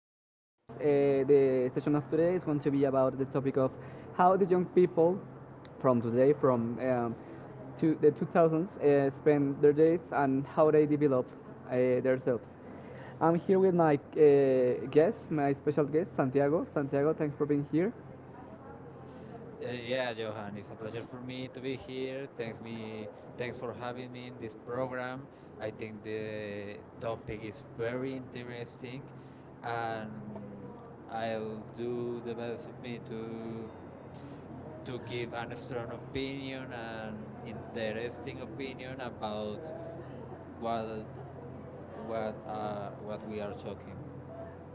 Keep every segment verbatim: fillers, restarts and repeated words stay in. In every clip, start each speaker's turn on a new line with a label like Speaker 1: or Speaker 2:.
Speaker 1: another podcast. Uh, the session of today is going to be about the topic of how the young people from today, from um, to the two thousands, uh, spend their days and how they develop uh, themselves. I'm here with my uh, guest, my special guest, Santiago. Santiago, thanks for being here.
Speaker 2: Uh, yeah, Johan, it's a pleasure for me to be here. Thanks me, thanks for having me in this program. I think the topic is very interesting, and I'll do the best of me to to give an strong opinion and interesting opinion about what what uh, what we are talking.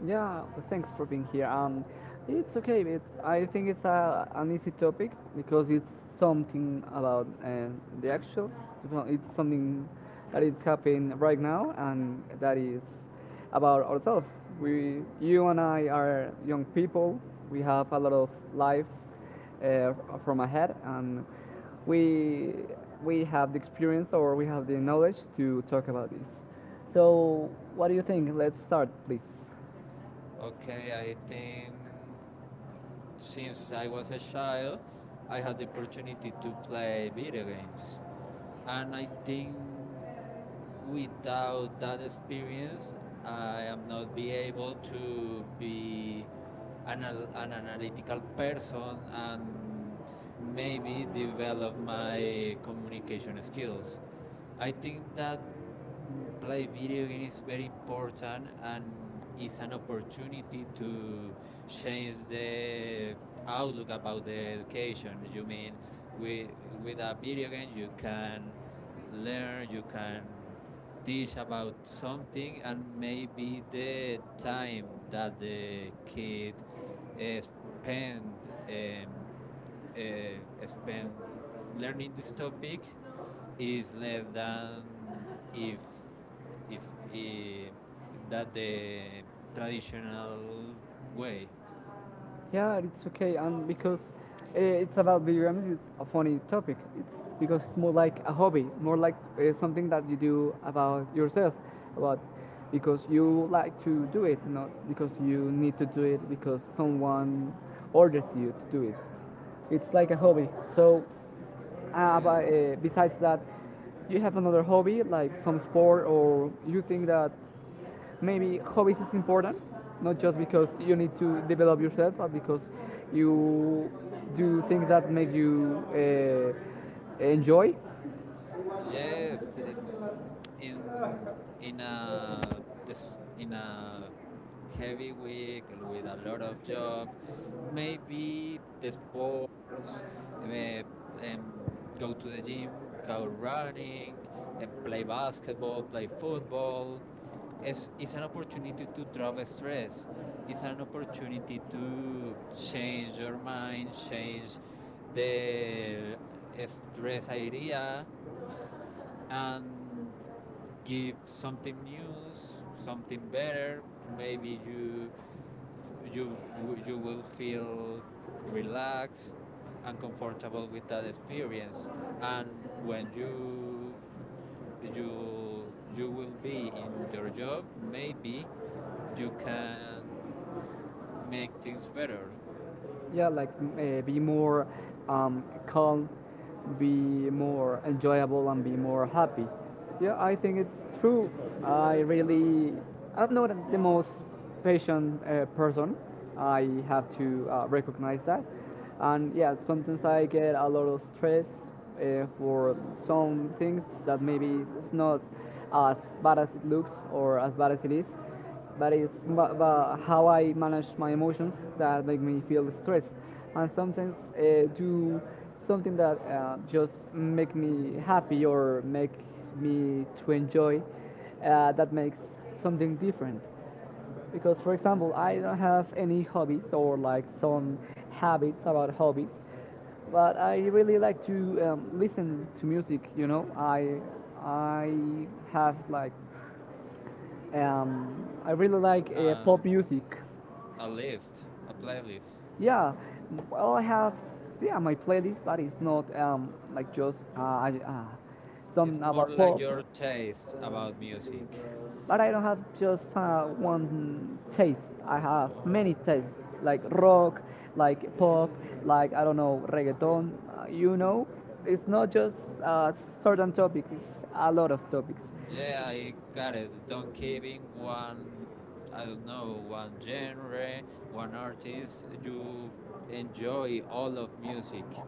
Speaker 1: Yeah, thanks for being here. Um, it's okay. It's I think it's a, an easy topic because it's something about uh, the actual. Well, it's something that is happening right now, and that is about ourselves. We, you and I, are young people. We have a lot of life uh, from ahead, and we we have the experience or we have the knowledge to talk about this. So, what do you think? Let's start, please.
Speaker 2: Okay, I think since I was a child, I had the opportunity to play video games. And I think without that experience, I am not be able to be an, al- an analytical person and maybe develop my communication skills. I think that mm, play video game is very important and is an opportunity to change the outlook about the education. You mean with with a video game you can learn, you can teach about something, and maybe the time that the kid uh, spend um, uh, spend learning this topic is less than if if eh, that the traditional way.
Speaker 1: Yeah, it's okay, and because uh, it's about video games, it's a funny topic. It's because it's more like a hobby, more like uh, something that you do about yourself, about because you like to do it, not because you need to do it because someone ordered you to do it. It's like a hobby. So, uh,
Speaker 2: Yes.
Speaker 1: but, uh, besides that, you have another hobby like some sport, or you think that maybe hobbies is important, not just because you need to develop yourself, but because you do things that make you uh, enjoy.
Speaker 2: Yes, th- in in a this- in a heavy week with a lot of job, maybe the sports, eh, um, go to the gym, go running, eh, play basketball, play football, it's, it's an opportunity to drop stress. It's an opportunity to change your mind, change the stress idea, and give something new, something better. Maybe you you you will feel relaxed and comfortable with that experience. And when you you you will be in your job, maybe you can make things better.
Speaker 1: Yeah, like uh, be more um, calm, be more enjoyable and be more happy. Yeah, I think it's true. I really, I'm not the most patient uh, person. I have to uh, recognize that, and yeah, sometimes I get a lot of stress uh, for some things that maybe it's not as bad as it looks or as bad as it is, but it's but, but how I manage my emotions that make me feel stressed, and sometimes uh, do something that uh, just make me happy or make me to enjoy, uh, that makes something different. Because, for example, I don't have any hobbies or like some habits about hobbies, but I really like to um, listen to music. You know, I I have like um, I really like uh,
Speaker 2: Uh,
Speaker 1: pop music.
Speaker 2: a list, a playlist.
Speaker 1: Yeah, well, I have yeah my playlist, but it's not um, like just uh, I- uh, some
Speaker 2: It's more
Speaker 1: about
Speaker 2: like
Speaker 1: pop.
Speaker 2: your taste about music.
Speaker 1: But I don't have just uh, one taste. I have many
Speaker 2: Oh,
Speaker 1: tastes, like rock, like pop, like I don't know reggaeton. Uh, you know, it's not just a certain topic. It's a lot of topics.
Speaker 2: yeah, I got it. Don't keep in one, I don't know, one genre, one artist. You enjoy all of music.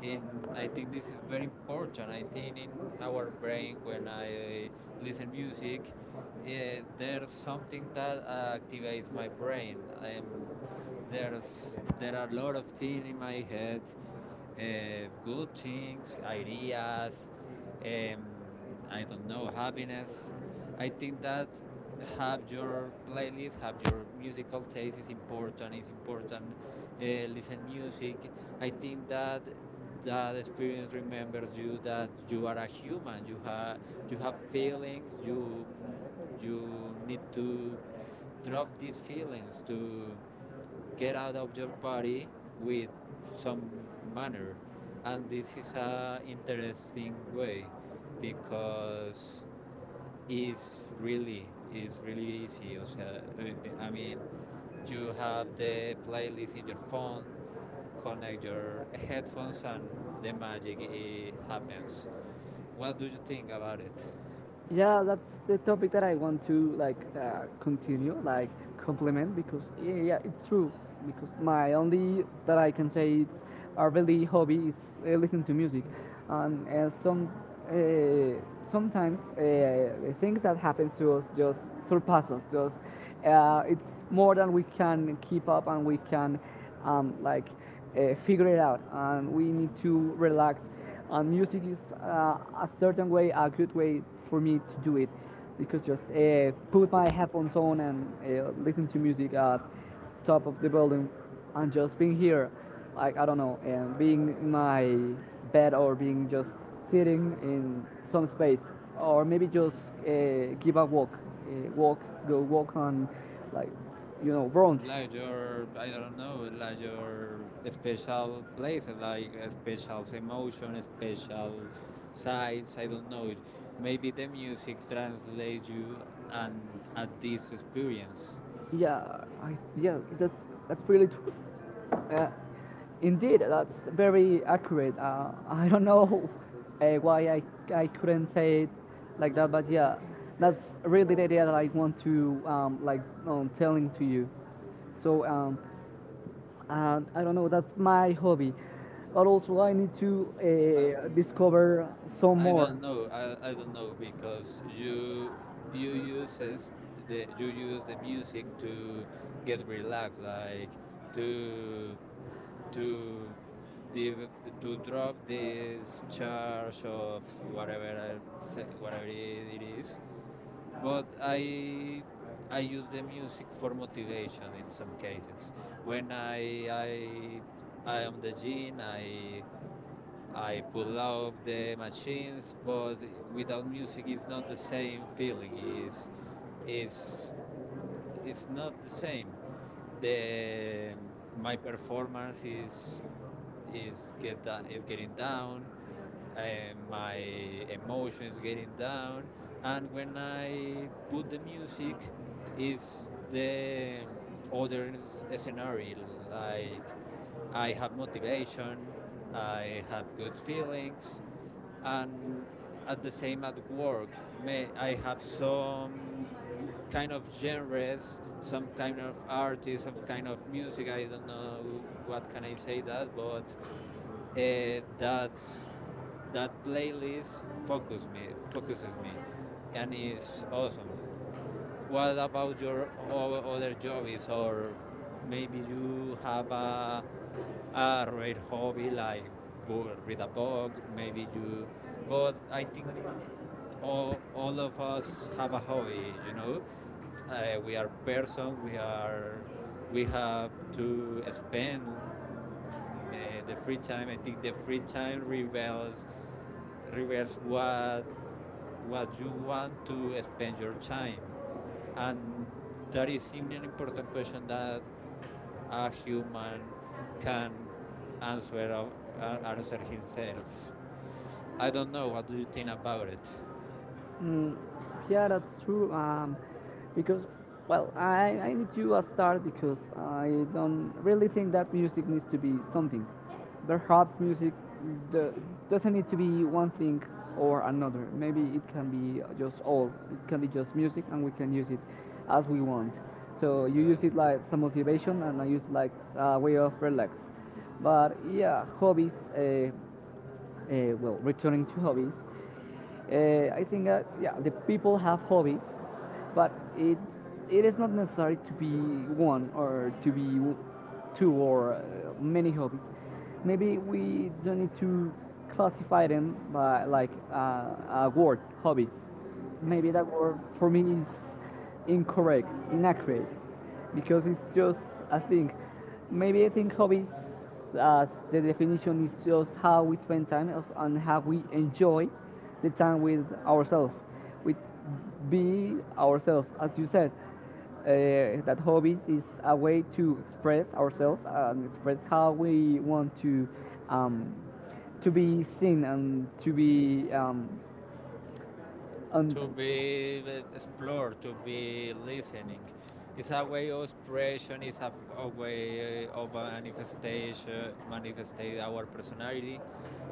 Speaker 2: And I think this is very important. I think in our brain when I uh, listen music, uh, there's something that uh, activates my brain. Um, there's there are a lot of things in my head uh, good things, ideas, um, I don't know, happiness. I think that have your playlist, have your musical taste is important. Is important. Uh, listen music. I think that that experience remembers you that you are a human. You have you have feelings. You you need to drop these feelings to get out of your body with some manner, and this is a interesting way because it's really it's really easy o sea, eh, mean you have the playlist in your phone, connect your headphones, and the magic eh, happens. What do you think about it?
Speaker 1: Yeah, that's the topic that I want to like uh, continue, like compliment, because yeah, yeah it's true, because my only that I can say it's a really hobby is uh, listen to music. And uh, some uh, sometimes uh, the things that happens to us just surpass us, just uh, it's more than we can keep up and we can um, like uh, figure it out, and we need to relax. Uh, music is uh, a certain way, a good way for me to do it, because just uh, put my headphones on and uh, listen to music at top of the building, and just being here, like I don't know, and being in my bed or being just sitting in some space, or maybe just uh, give a walk, uh, walk, go walk on, like you know, round.
Speaker 2: Like your, I don't know, like your special places, like uh, special emotion, special s- sides, I don't know, maybe the music translates you and at this experience.
Speaker 1: Yeah, I, yeah, that's that's really true. Uh, Indeed, that's very accurate. Uh, I don't know uh, why I, I couldn't say it like that, but yeah, that's really the idea that I want to um, like um, telling to you. So, um, uh, I don't know, that's my hobby, but also I need to uh,
Speaker 2: um
Speaker 1: discover some
Speaker 2: I
Speaker 1: more.
Speaker 2: don't know. i, I don't know because you you uses the you use the music to get relaxed, like to to div- to drop this charge of whatever I whatever it is. But I I use the music for motivation in some cases. When I I I am the gene, I I pull up the machines, but without music, it's not the same feeling. It's is is not the same. The My performance is is get da- is getting down, and my emotions getting down, and when I put the music, is the other s- scenario, like I have motivation, I have good feelings, and at the same at work, may I have some kind of genres, some kind of artists, some kind of music. I don't know what can I say that, but uh, that's that playlist focus me focuses me, and is awesome. What about your o- other hobbies, or maybe you have a a rare hobby like bo- read a book? Maybe you, but I think all all of us have a hobby. You know, uh, we are person. We are we have to spend the, the free time. I think the free time reveals reverse what what you want to spend your time, and that is an important question that a human can answer uh, answer himself. I don't know, what do you think about it?
Speaker 1: Mm, yeah, that's true. Um, because, well, I, I need to uh, start, because I don't really think that music needs to be something. Perhaps music do, doesn't need to be one thing or another. Maybe it can be just all. It can be just music, and we can use it as we want. So you
Speaker 2: Okay.
Speaker 1: use it like some motivation, and I use it like a way of relax. But yeah, hobbies. Uh, uh, well, returning to hobbies, uh, I think that yeah, the people have hobbies, but it it is not necessary to be one or to be w- two or uh, many hobbies. Maybe we don't need to classify them by like uh, a word, hobbies. Maybe that word for me is incorrect, inaccurate, because it's just I think maybe I think hobbies as the definition is just how we spend time as- and how we enjoy the time with ourselves, with be ourselves, as you said. Uh, that hobbies is a way to express ourselves and express how we want to um, to be seen and to be um, and
Speaker 2: To be uh, explored, to be listening. It's a way of expression. It's a a way uh, of manifestation, manifestate our personality.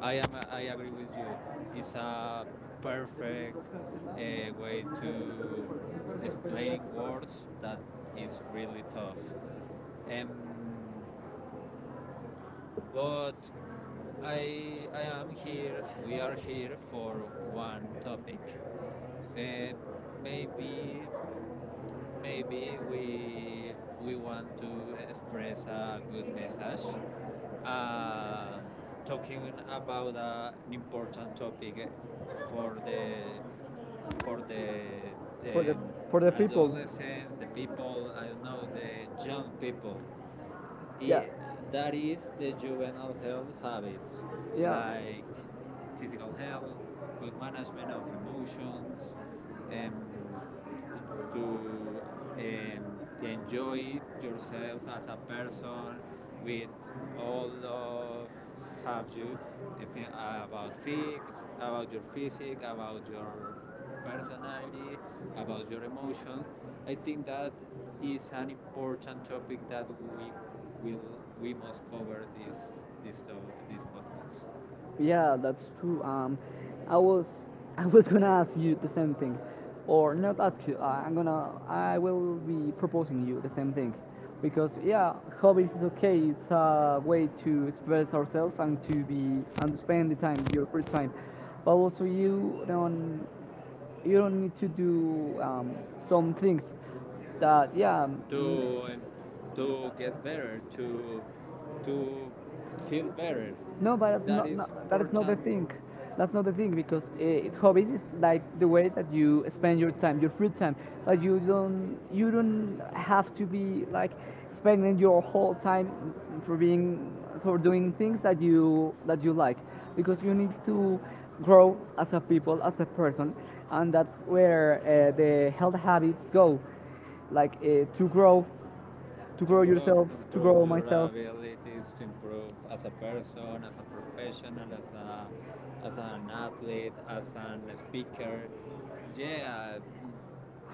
Speaker 2: I am. I agree with you. It's a perfect uh, way to explaining words that is really tough. Um, but I I am here. We are here for one topic. Uh, maybe Maybe we we want to express a good message. Uh, Talking about uh, an important topic for the for the um, adolescents, the people, I don't know, the young people. I, that is the juvenile health habits, like physical health, good management of emotions, um, to um, enjoy yourself as a person with all of have you if, you- about fix, about your physique, about your personality, about your emotion. I think that is an important topic that we we'll, we must cover this, this, uh, this podcast
Speaker 1: yeah, that's true. Um, I was I was gonna ask you the same thing, or not ask you. I- I'm gonna I will be proposing you the same thing, because yeah, hobbies is okay. It's a way to express ourselves and to be and to spend the time your free time, but also you don't you don't need to do um, some things that yeah.
Speaker 2: to, to get better, to, to feel
Speaker 1: mm,
Speaker 2: better.
Speaker 1: no, but that's
Speaker 2: That
Speaker 1: not,
Speaker 2: is
Speaker 1: not that is not the
Speaker 2: important
Speaker 1: thing. That's not the thing because uh, hobbies is like the way that you spend your time, your free time. Like you don't you don't have to be like spending your whole time for being for doing things that you that you like, because you need to grow as a people as a person, and that's where uh, the health habits go, like uh, to grow to
Speaker 2: to
Speaker 1: grow
Speaker 2: grow, up,
Speaker 1: yourself
Speaker 2: to
Speaker 1: to
Speaker 2: improve
Speaker 1: grow
Speaker 2: your
Speaker 1: myself.
Speaker 2: abilities, to improve as a person, as
Speaker 1: 嗯
Speaker 2: a professional, as a as an athlete, as an speaker. Yeah,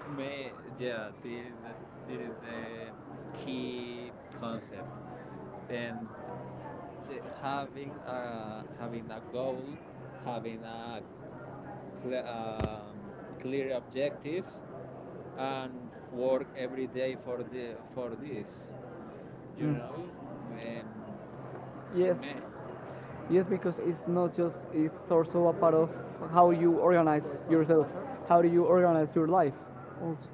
Speaker 2: may yeah, this is the, this is the key concept, and having a, having a goal, having a cle- um, clear objective, and work every day for the for this. You know, um,
Speaker 1: Yes.
Speaker 2: me,
Speaker 1: Yes, because it's not just, it's also a part of how you organize yourself. How do you organize your life also?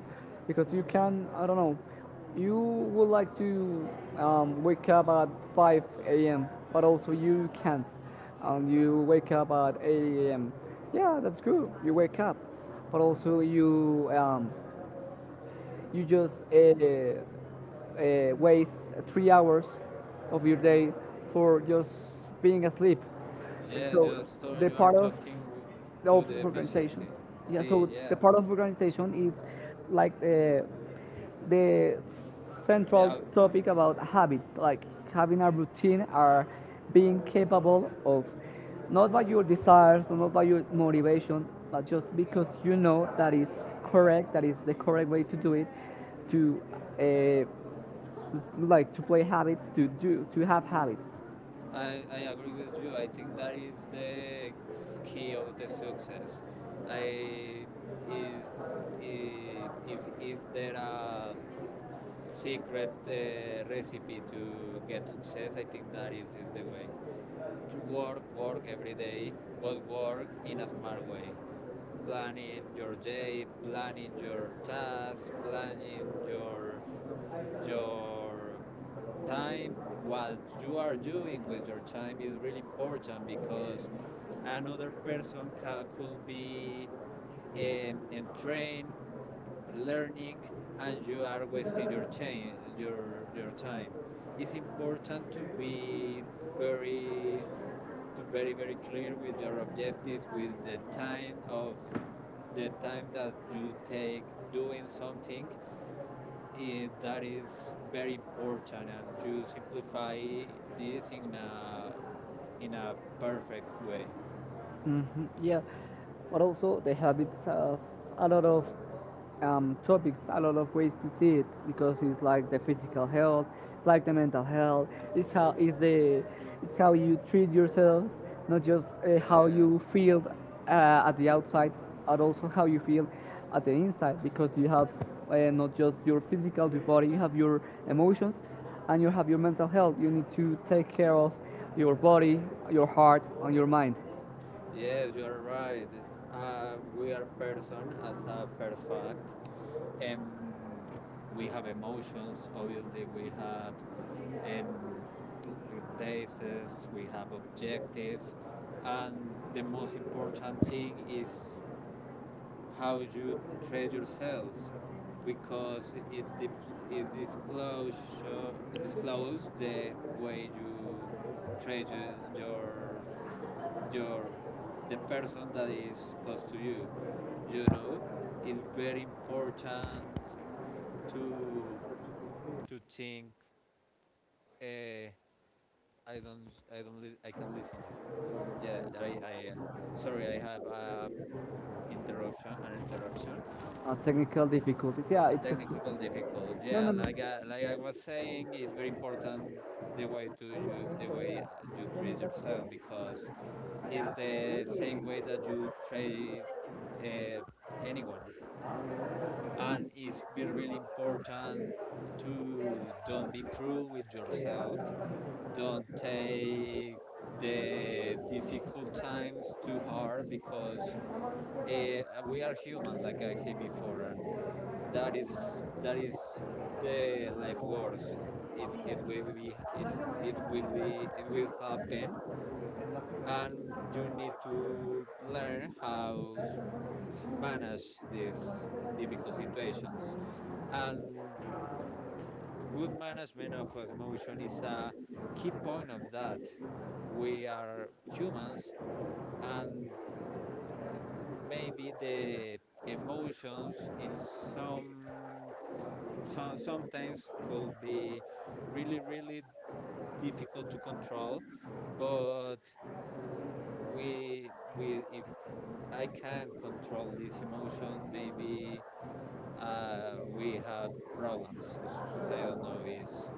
Speaker 1: Because you can, I don't know, you would like to um, wake up at five a m, but also you can't. And you wake up at eight a m. Yeah, that's good. You wake up. But also you um, you just uh, uh, waste three hours of your day for just being asleep.
Speaker 2: yes, you are,
Speaker 1: So
Speaker 2: so-
Speaker 1: the
Speaker 2: you are
Speaker 1: part of
Speaker 2: talking w- to
Speaker 1: of
Speaker 2: the
Speaker 1: organizations,
Speaker 2: efficiency.
Speaker 1: yeah.
Speaker 2: See,
Speaker 1: So the
Speaker 2: yes,
Speaker 1: part of organization is like uh, the central
Speaker 2: yeah,
Speaker 1: topic about habits, like having a routine are being capable of not by your desires or not by your motivation, but just because you know that is correct, that is the correct way to do it, to uh, like to play habits, to do, to have habits.
Speaker 2: I I agree with you. I think that is the key of the success. I is i- if is there a secret uh, recipe to get success. I think that is, is the way to work, work every day, but work in a smart way. Planning your day, planning your tasks, planning your your time. What you are doing with your time is really important because another person ca- could be um, entrained learning and you are wasting your chain, your your time. It's important to be very to very very clear with your objectives, with the time of the time that you take doing something. It, that is very important, and you simplify this in a in a perfect way.
Speaker 1: Hmm Yeah, but also the habits have it's uh, a lot of um, topics, a lot of ways to see it, because it's like the physical health, it's like the mental health, it's how it's the it's how you treat yourself, not just uh, how you
Speaker 2: Yeah.
Speaker 1: feel uh, at the outside, but also how you feel at the inside, because you have uh, not just your physical body, you have your emotions, and you have your mental health. You need to take care of your body, your heart, and your mind.
Speaker 2: Yes, you are right. Uh, we are person as a first fact. Um, we have emotions, obviously, we have um, tastes, we have objectives, and the most important thing is how you treat yourselves because it, dip- it disclosure, disclose the way you treat your your the person that is close to you. You know, it's very important to to think. Uh, I don't I don't li- I can listen you. Yeah, I I uh, sorry, I have a interruption, an interruption,
Speaker 1: Uh, technical difficulties. Yeah,
Speaker 2: a
Speaker 1: it's
Speaker 2: technical
Speaker 1: okay.
Speaker 2: difficult.
Speaker 1: No,
Speaker 2: Yeah,
Speaker 1: no, no.
Speaker 2: like I, like I was saying, it's very important the way to you the way uh, you treat yourself because it's the same way that you treat uh, anyone, and it's really important to don't be cruel with yourself, don't take the difficult times too hard because eh, we are human like I said before, and that is that is the life course. it, it will be it, it will be, it will happen, and you need to learn how s- manage these difficult situations, and good management of emotion is a key point of that. We are humans, and maybe the emotions in some so, sometimes could be really really difficult to control, but we we if I can't control this emotion, maybe uh, we had problems. I don't know, is.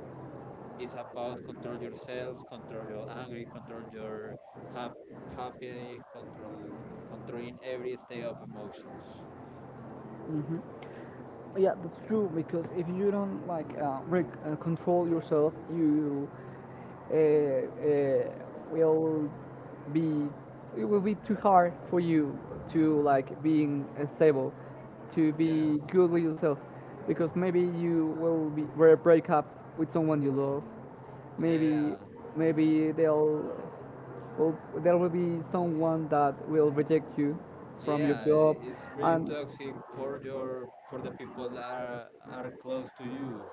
Speaker 2: It's about control yourselves, control your anger, control your hap- happiness, control controlling every state of emotions.
Speaker 1: Mm-hmm. Yeah, that's true, because if you don't like uh, reg- uh, control yourself you uh, uh, will be it will be too hard for you to like being uh, stable, to be
Speaker 2: Yes.
Speaker 1: good with yourself, because maybe you will be will break up with someone you love. Maybe
Speaker 2: Yeah.
Speaker 1: maybe they'll well, there will be someone that will reject you from your
Speaker 2: Yeah,
Speaker 1: job,
Speaker 2: it's really
Speaker 1: and
Speaker 2: toxic for your for the people that are are close to you.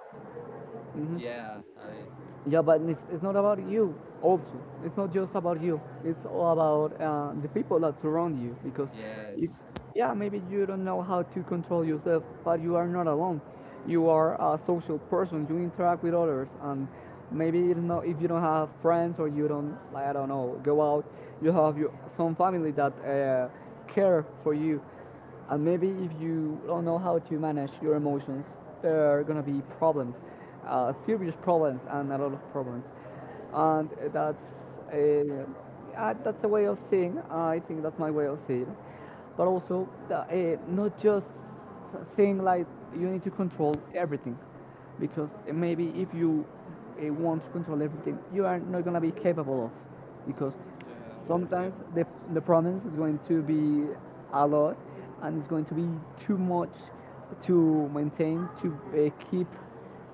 Speaker 1: Mhm.
Speaker 2: Yeah, I
Speaker 1: Yeah, but it's, it's not about you. Also, it's not just about you. It's all about uh, the people that surround you. Because
Speaker 2: yes.
Speaker 1: if yeah, maybe you don't know how to control yourself, but you are not alone. You are a social person. You interact with others, and maybe you know if you don't have friends or you don't like, I don't know, go out, you have your, some family that uh, care for you, and maybe if you don't know how to manage your emotions, there are gonna be problems, uh, serious problems and a lot of problems, and that's a, uh, that's a way of seeing. I think that's my way of seeing, but also the, uh, not just saying like you need to control everything, because uh, maybe if you uh, want to control everything, you are not gonna be capable of, because
Speaker 2: Yeah, we're
Speaker 1: sometimes the
Speaker 2: humans.
Speaker 1: the promise is going to be a lot, and it's going to be too much to maintain to uh, keep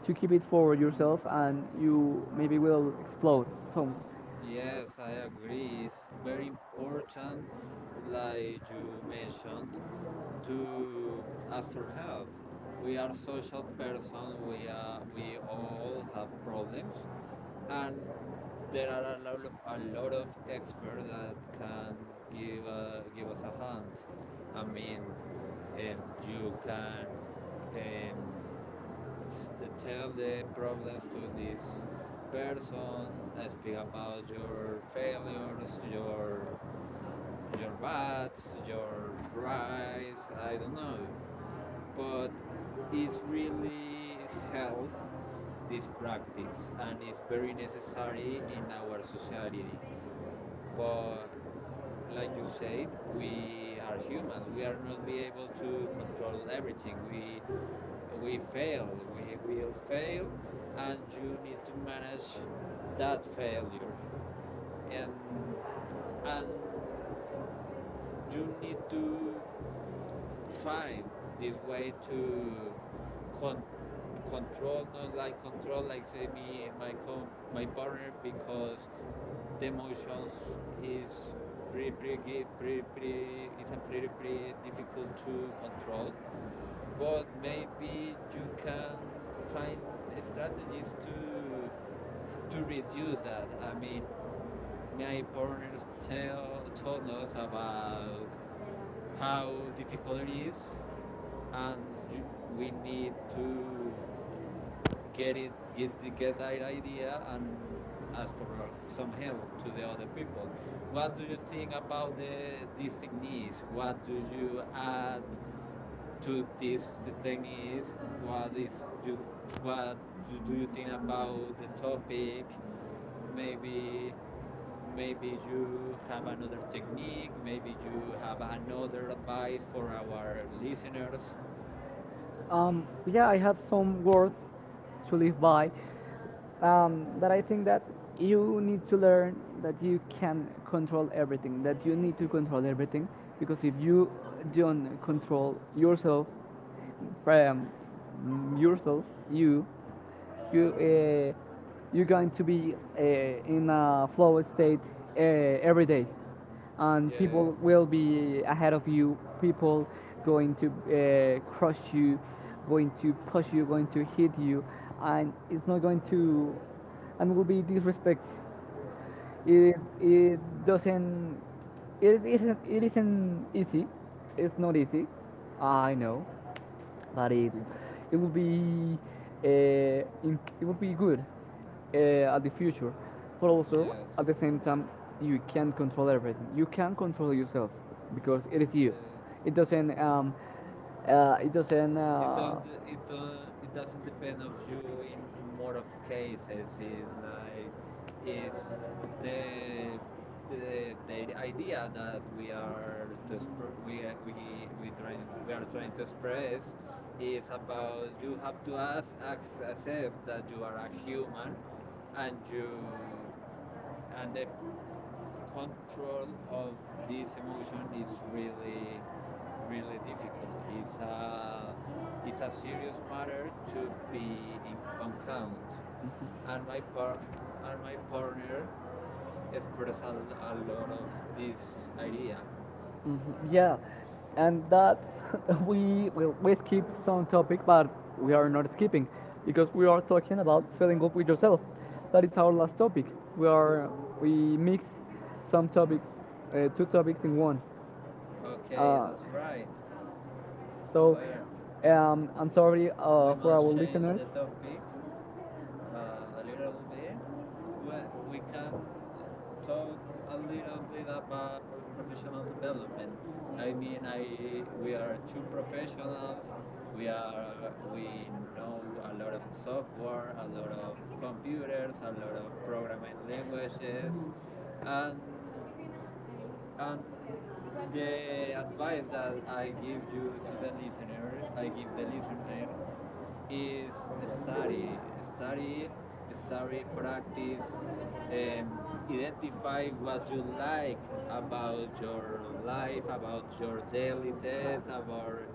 Speaker 1: to keep it for yourself, and you maybe will explode. So
Speaker 2: Yes, I agree. It's very important, like you mentioned, to ask for help. We are social person. We are we all have problems, and there are a, lo- a lot of experts that can give a, give us a hand. I mean, um, you can um, tell the problems to this person. uh, Speak about your failures, your your bads, your rise. I don't know, but it's really helped this practice and it's very necessary in our society. But like you said, we are humans. We are not be able to control everything. We we fail. We will fail, and you need to manage that failure. And and you need to find this way to con- control, not like control, like say me, my com, my partner, because the emotions is pretty, pretty, pretty, pretty, is a pretty, pretty difficult to control. But maybe you can find strategies to to reduce that. I mean, uh, my partners tell told us about how difficult it is, and we need to get it get get that idea and ask for uh, some help to the other people. What do you think about the, these techniques? What do you add to these techniques? what is you what do you think about the topic? maybe Maybe you have another technique, maybe you have another advice for our listeners.
Speaker 1: Um, yeah, I have some words to live by. Um, but I think that you need to learn that you can control everything, that you need to control everything, because if you don't control yourself, um, yourself, you, you uh, you're going to be uh, in a flow state uh, every day, and
Speaker 2: Yes.
Speaker 1: people will be ahead of you. People going to uh, crush you, going to push you, going to hit you, and it's not going to and will be disrespect. it, it doesn't. It isn't. It isn't easy. It's not easy. I know, but it it will be uh, im- it will be good uh, at the future. But also
Speaker 2: Yes.
Speaker 1: at the same time, you can't control everything. You can control yourself because it is you. It
Speaker 2: Yes.
Speaker 1: doesn't. Um, uh, it doesn't.
Speaker 2: It don't.
Speaker 1: Uh,
Speaker 2: It don't. It doesn't depend of you in more of cases. It's like it's the the, the idea that we are to exp- we are- we we trying we are trying to express is about you have to ask, ac- accept that you are a human and you and the control of this emotion is really really difficult. It's a it's a serious matter to be in, on count, and my par and my partner expressed a a lot of this idea.
Speaker 1: mhm. Yeah, and that we will we skip some topic, but we are not skipping because we are talking about filling up with yourself. That is our last topic. We are we mix some topics, uh, two topics in one. Okay.
Speaker 2: Okay,
Speaker 1: Uh,
Speaker 2: that's
Speaker 1: that's right.
Speaker 2: right.
Speaker 1: so
Speaker 2: Well,
Speaker 1: Well, um, I'm sorry, uh,
Speaker 2: we
Speaker 1: I'm for not our
Speaker 2: must
Speaker 1: changing
Speaker 2: change the
Speaker 1: listeners. The topic.
Speaker 2: topic uh, a little bit. We, we can talk a little bit about professional development. I mean, I we are two professionals. We are we know a lot of software, a lot of computers, a lot of programming languages, and and the advice that I give you to the listener, I give the listener is study, study, study, practice, um, identify what you like about your life, about your daily tasks, about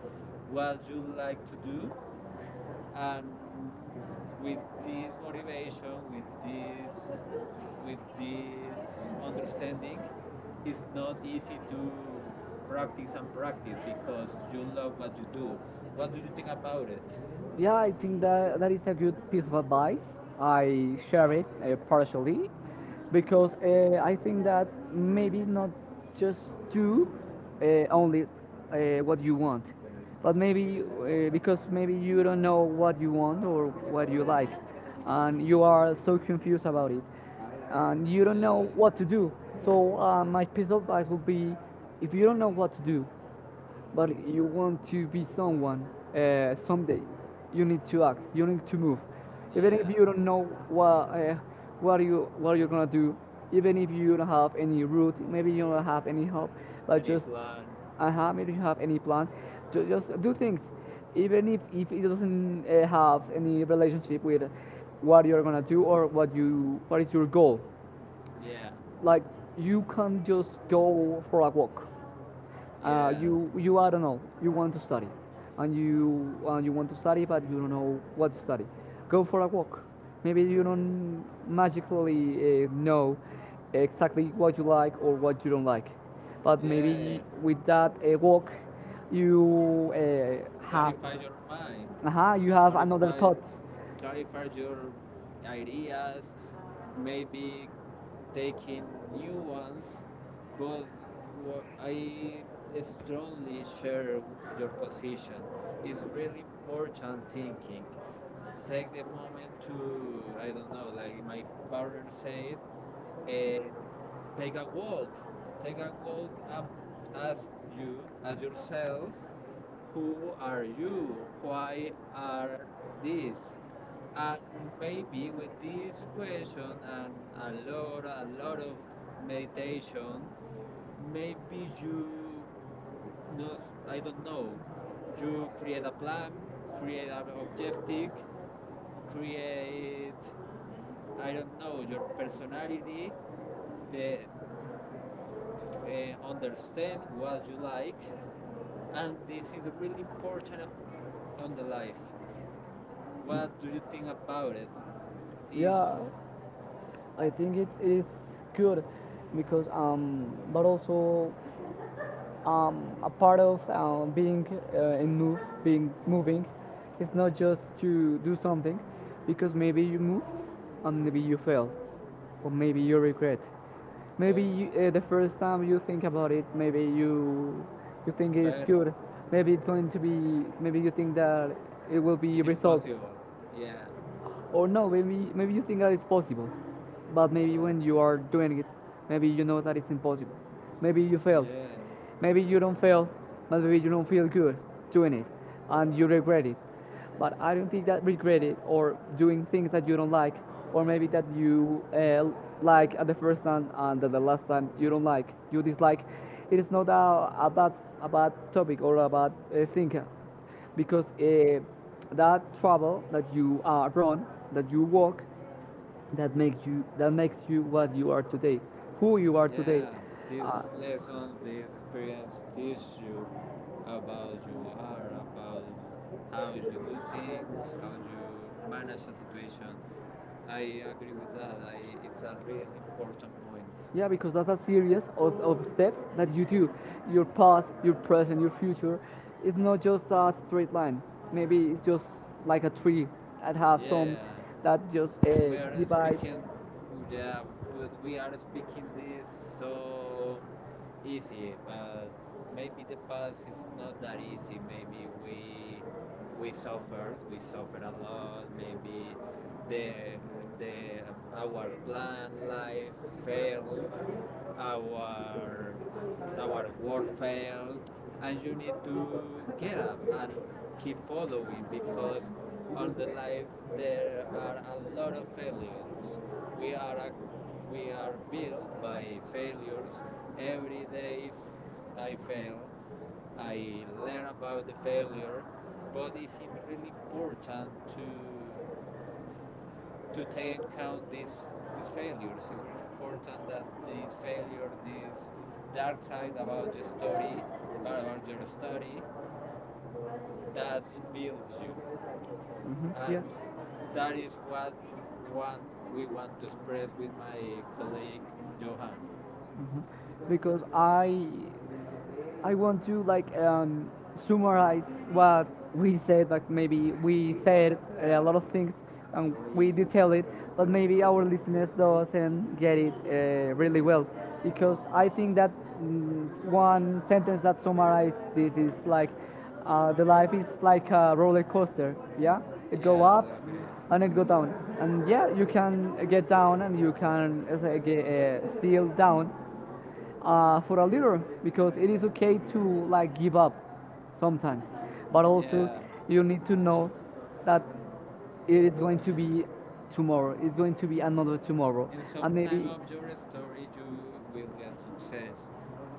Speaker 2: what you like to do, and with this motivation, with this, with this understanding, it's not easy to practice and practice because you love what you do. What do you think about it?
Speaker 1: Yeah, I think that that is a good piece of advice. I share it uh, partially because uh, I think that maybe not just do uh, only uh, what you want, but maybe uh, because maybe you don't know what you want or what you like, and you are so confused about it, and you don't know
Speaker 2: Yeah.
Speaker 1: what to do. So uh, my piece of advice would be, if you don't know what to do, but you want to be someone uh, someday, you need to act, you need to move even if
Speaker 2: Yeah.
Speaker 1: you don't know what uh, what you what you're gonna do, even if you don't have any route, maybe you don't have any help, but
Speaker 2: Any
Speaker 1: just
Speaker 2: plan?
Speaker 1: uh-huh, maybe you have any plan, ju- just do things even if, if it doesn't uh, have any relationship with what you're gonna do or what you what is your goal,
Speaker 2: Yeah.
Speaker 1: like you can just go for a walk. Uh,
Speaker 2: Yeah.
Speaker 1: you you I don't know. You want to study, and you uh, you want to study, but you don't know what to study. Go for a walk. Maybe you don't magically uh, know exactly what you like or what you don't like, but yeah, maybe Yeah.
Speaker 2: Yeah.
Speaker 1: with that uh, walk, you
Speaker 2: C-
Speaker 1: uh, have
Speaker 2: Clarify your mind.
Speaker 1: uh-huh, you have another
Speaker 2: Clarify
Speaker 1: thought.
Speaker 2: clarify your ideas. Maybe taking new ones. But wha- I strongly share w- your position. It's really important thinking. Take the moment to, I don't know, like my partner said, take a walk. Take a walk and ask you, ask yourself, who are you? Why are this? And maybe with this question and a lot, a lot of meditation, maybe you, no, I don't know, you create a plan, create an objective, create, I don't know, your personality, be- uh, understand what you like, and this is really important on the life. What do you think about it?
Speaker 1: Yes.
Speaker 2: Is
Speaker 1: Yeah, I think it is good because um, but also um, a part of uh, being uh, in move, being moving, it's not just to do something, because maybe you move, and maybe you fail, or maybe you regret. Maybe
Speaker 2: okay,
Speaker 1: you, uh, the first time you think about it, maybe you you think it's
Speaker 2: fair?
Speaker 1: good. Maybe it's going to be. Maybe you think that it will be.
Speaker 2: It's
Speaker 1: It's resolved.
Speaker 2: impossible? Yeah.
Speaker 1: Or no, maybe maybe you think that it's possible, but maybe
Speaker 2: Well,
Speaker 1: when you are doing it, maybe you know that it's impossible, maybe you fail,
Speaker 2: yeah.
Speaker 1: maybe you don't fail, but maybe you don't feel good doing it and you regret it. But I don't think that regret it or doing things that you don't like, or maybe that you uh, like at the first time and at the last time you don't like, you dislike, it is not a, a bad, a bad topic or a bad uh, thing, because uh, that travel that you uh, run, that you walk, that makes you that makes you what you are today, who you are.
Speaker 2: Yeah. These lessons, this experience teach you about you are, about how you do things, how you manage a situation. I agree with that. I, it's a really important point.
Speaker 1: Yeah, because that's a series of, of steps that you do. Your past, your present, your future. It's not just a straight line. Maybe it's just like a tree that have some
Speaker 2: Yeah,
Speaker 1: that just uh,
Speaker 2: we are
Speaker 1: we divides.
Speaker 2: speaking yeah, but we are speaking this so easy, but maybe the past is not that easy, maybe we we suffered we suffered a lot, maybe the the our plan life failed, our our work failed, and you need to get up and keep following because on the life there are a lot of failures. We are a, we are built by failures. Every day if I fail, I learn about the failure, but it's really important to to take in account these these failures. It's really important that this failure, this dark side about your story, about your story, that builds you
Speaker 1: Mhm.
Speaker 2: and that is what one we want to express with my colleague Johan.
Speaker 1: Mhm. Because I I want to like um, summarize what we said. Like maybe we said uh, a lot of things and we detail it, but maybe our listeners doesn't get it uh, really well, because I think that mm, one sentence that summarizes this is like uh, the life is like a roller coaster. Yeah, it go
Speaker 2: Yeah,
Speaker 1: up
Speaker 2: I agree.
Speaker 1: and it go down, and yeah, you can get down and you can uh, get, uh, still down uh, for a leader, because it is okay to like give up sometimes, but also
Speaker 2: Yeah,
Speaker 1: you need to know that it is going to
Speaker 2: yeah.
Speaker 1: be tomorrow. It's going to be another tomorrow.
Speaker 2: In some
Speaker 1: And
Speaker 2: time
Speaker 1: maybe
Speaker 2: of your story, you will get success,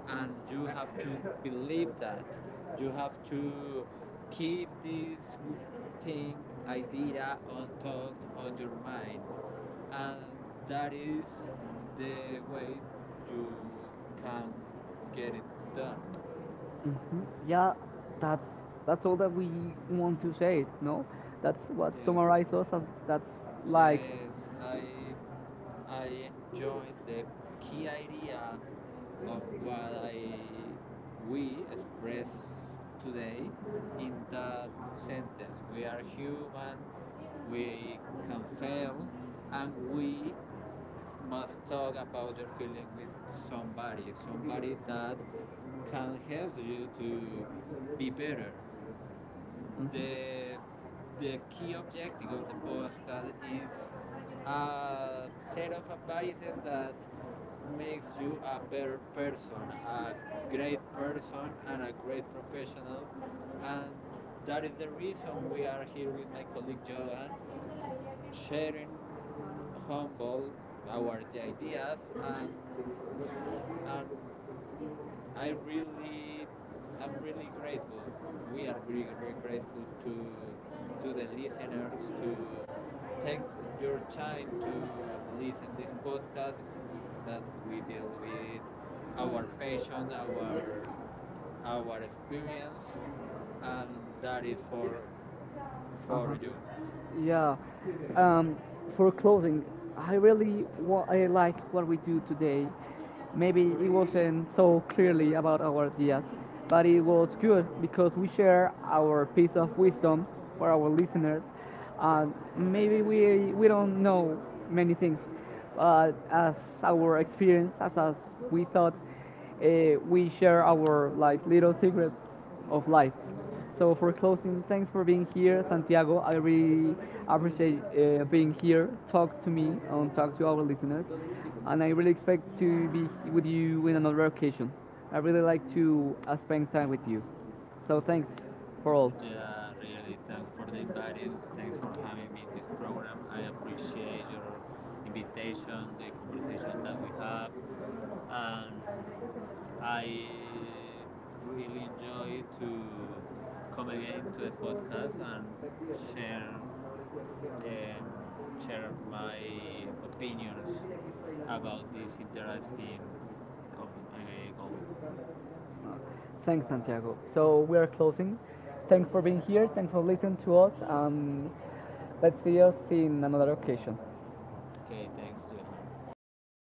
Speaker 2: and you have to believe that. You have to keep this w- thing, idea,
Speaker 1: top
Speaker 2: on, thought on your mind,
Speaker 1: of
Speaker 2: and that is the way you can get it done.
Speaker 1: hmm. Yeah, that's that's all that we want to say. No, that's what
Speaker 2: Yes,
Speaker 1: summarizes us. As, that's
Speaker 2: yes. I I joined the key idea of what I we express today in that sentence. We are human. We can fail, and we c- must talk about your feeling with somebody, somebody that can help you to be better. The, the key objective of the postcard is a set of advices that makes you a better person, a great person, and a great professional. And that is the reason we are here with my colleague Johan, sharing humble our ideas and and I really, I'm really grateful. We are really, really grateful to to the listeners to take your time to listen this podcast w- that we build with our passion, our our experience, and that is for for you.
Speaker 1: yeah. Um, for closing, I really wa- I like what we do today. Maybe it wasn't so clearly about our ideas, but it was good because we share our piece of wisdom for our listeners. And maybe we we don't know many things, but as our experience, as, as we thought, uh, we share our like little secrets of life. So for closing, thanks for being here, Santiago. I really appreciate uh, being here. Talk to me and talk to our listeners, and I really expect to be with you in another occasion. I really like to uh, spend time with you. So thanks for all.
Speaker 2: Yeah, really. Thanks for the inviting. Thanks for having me in this program. I appreciate your invitation, the conversation that we have, and I really enjoy to come again to the podcast and share um, share my opinions about this interesting ob- uh, goal.
Speaker 1: Uh, Thanks, Santiago. So we are closing. Thanks for being here. Thanks for listening to us. Um, let's see us in another occasion.
Speaker 2: Okay, thanks, Johan.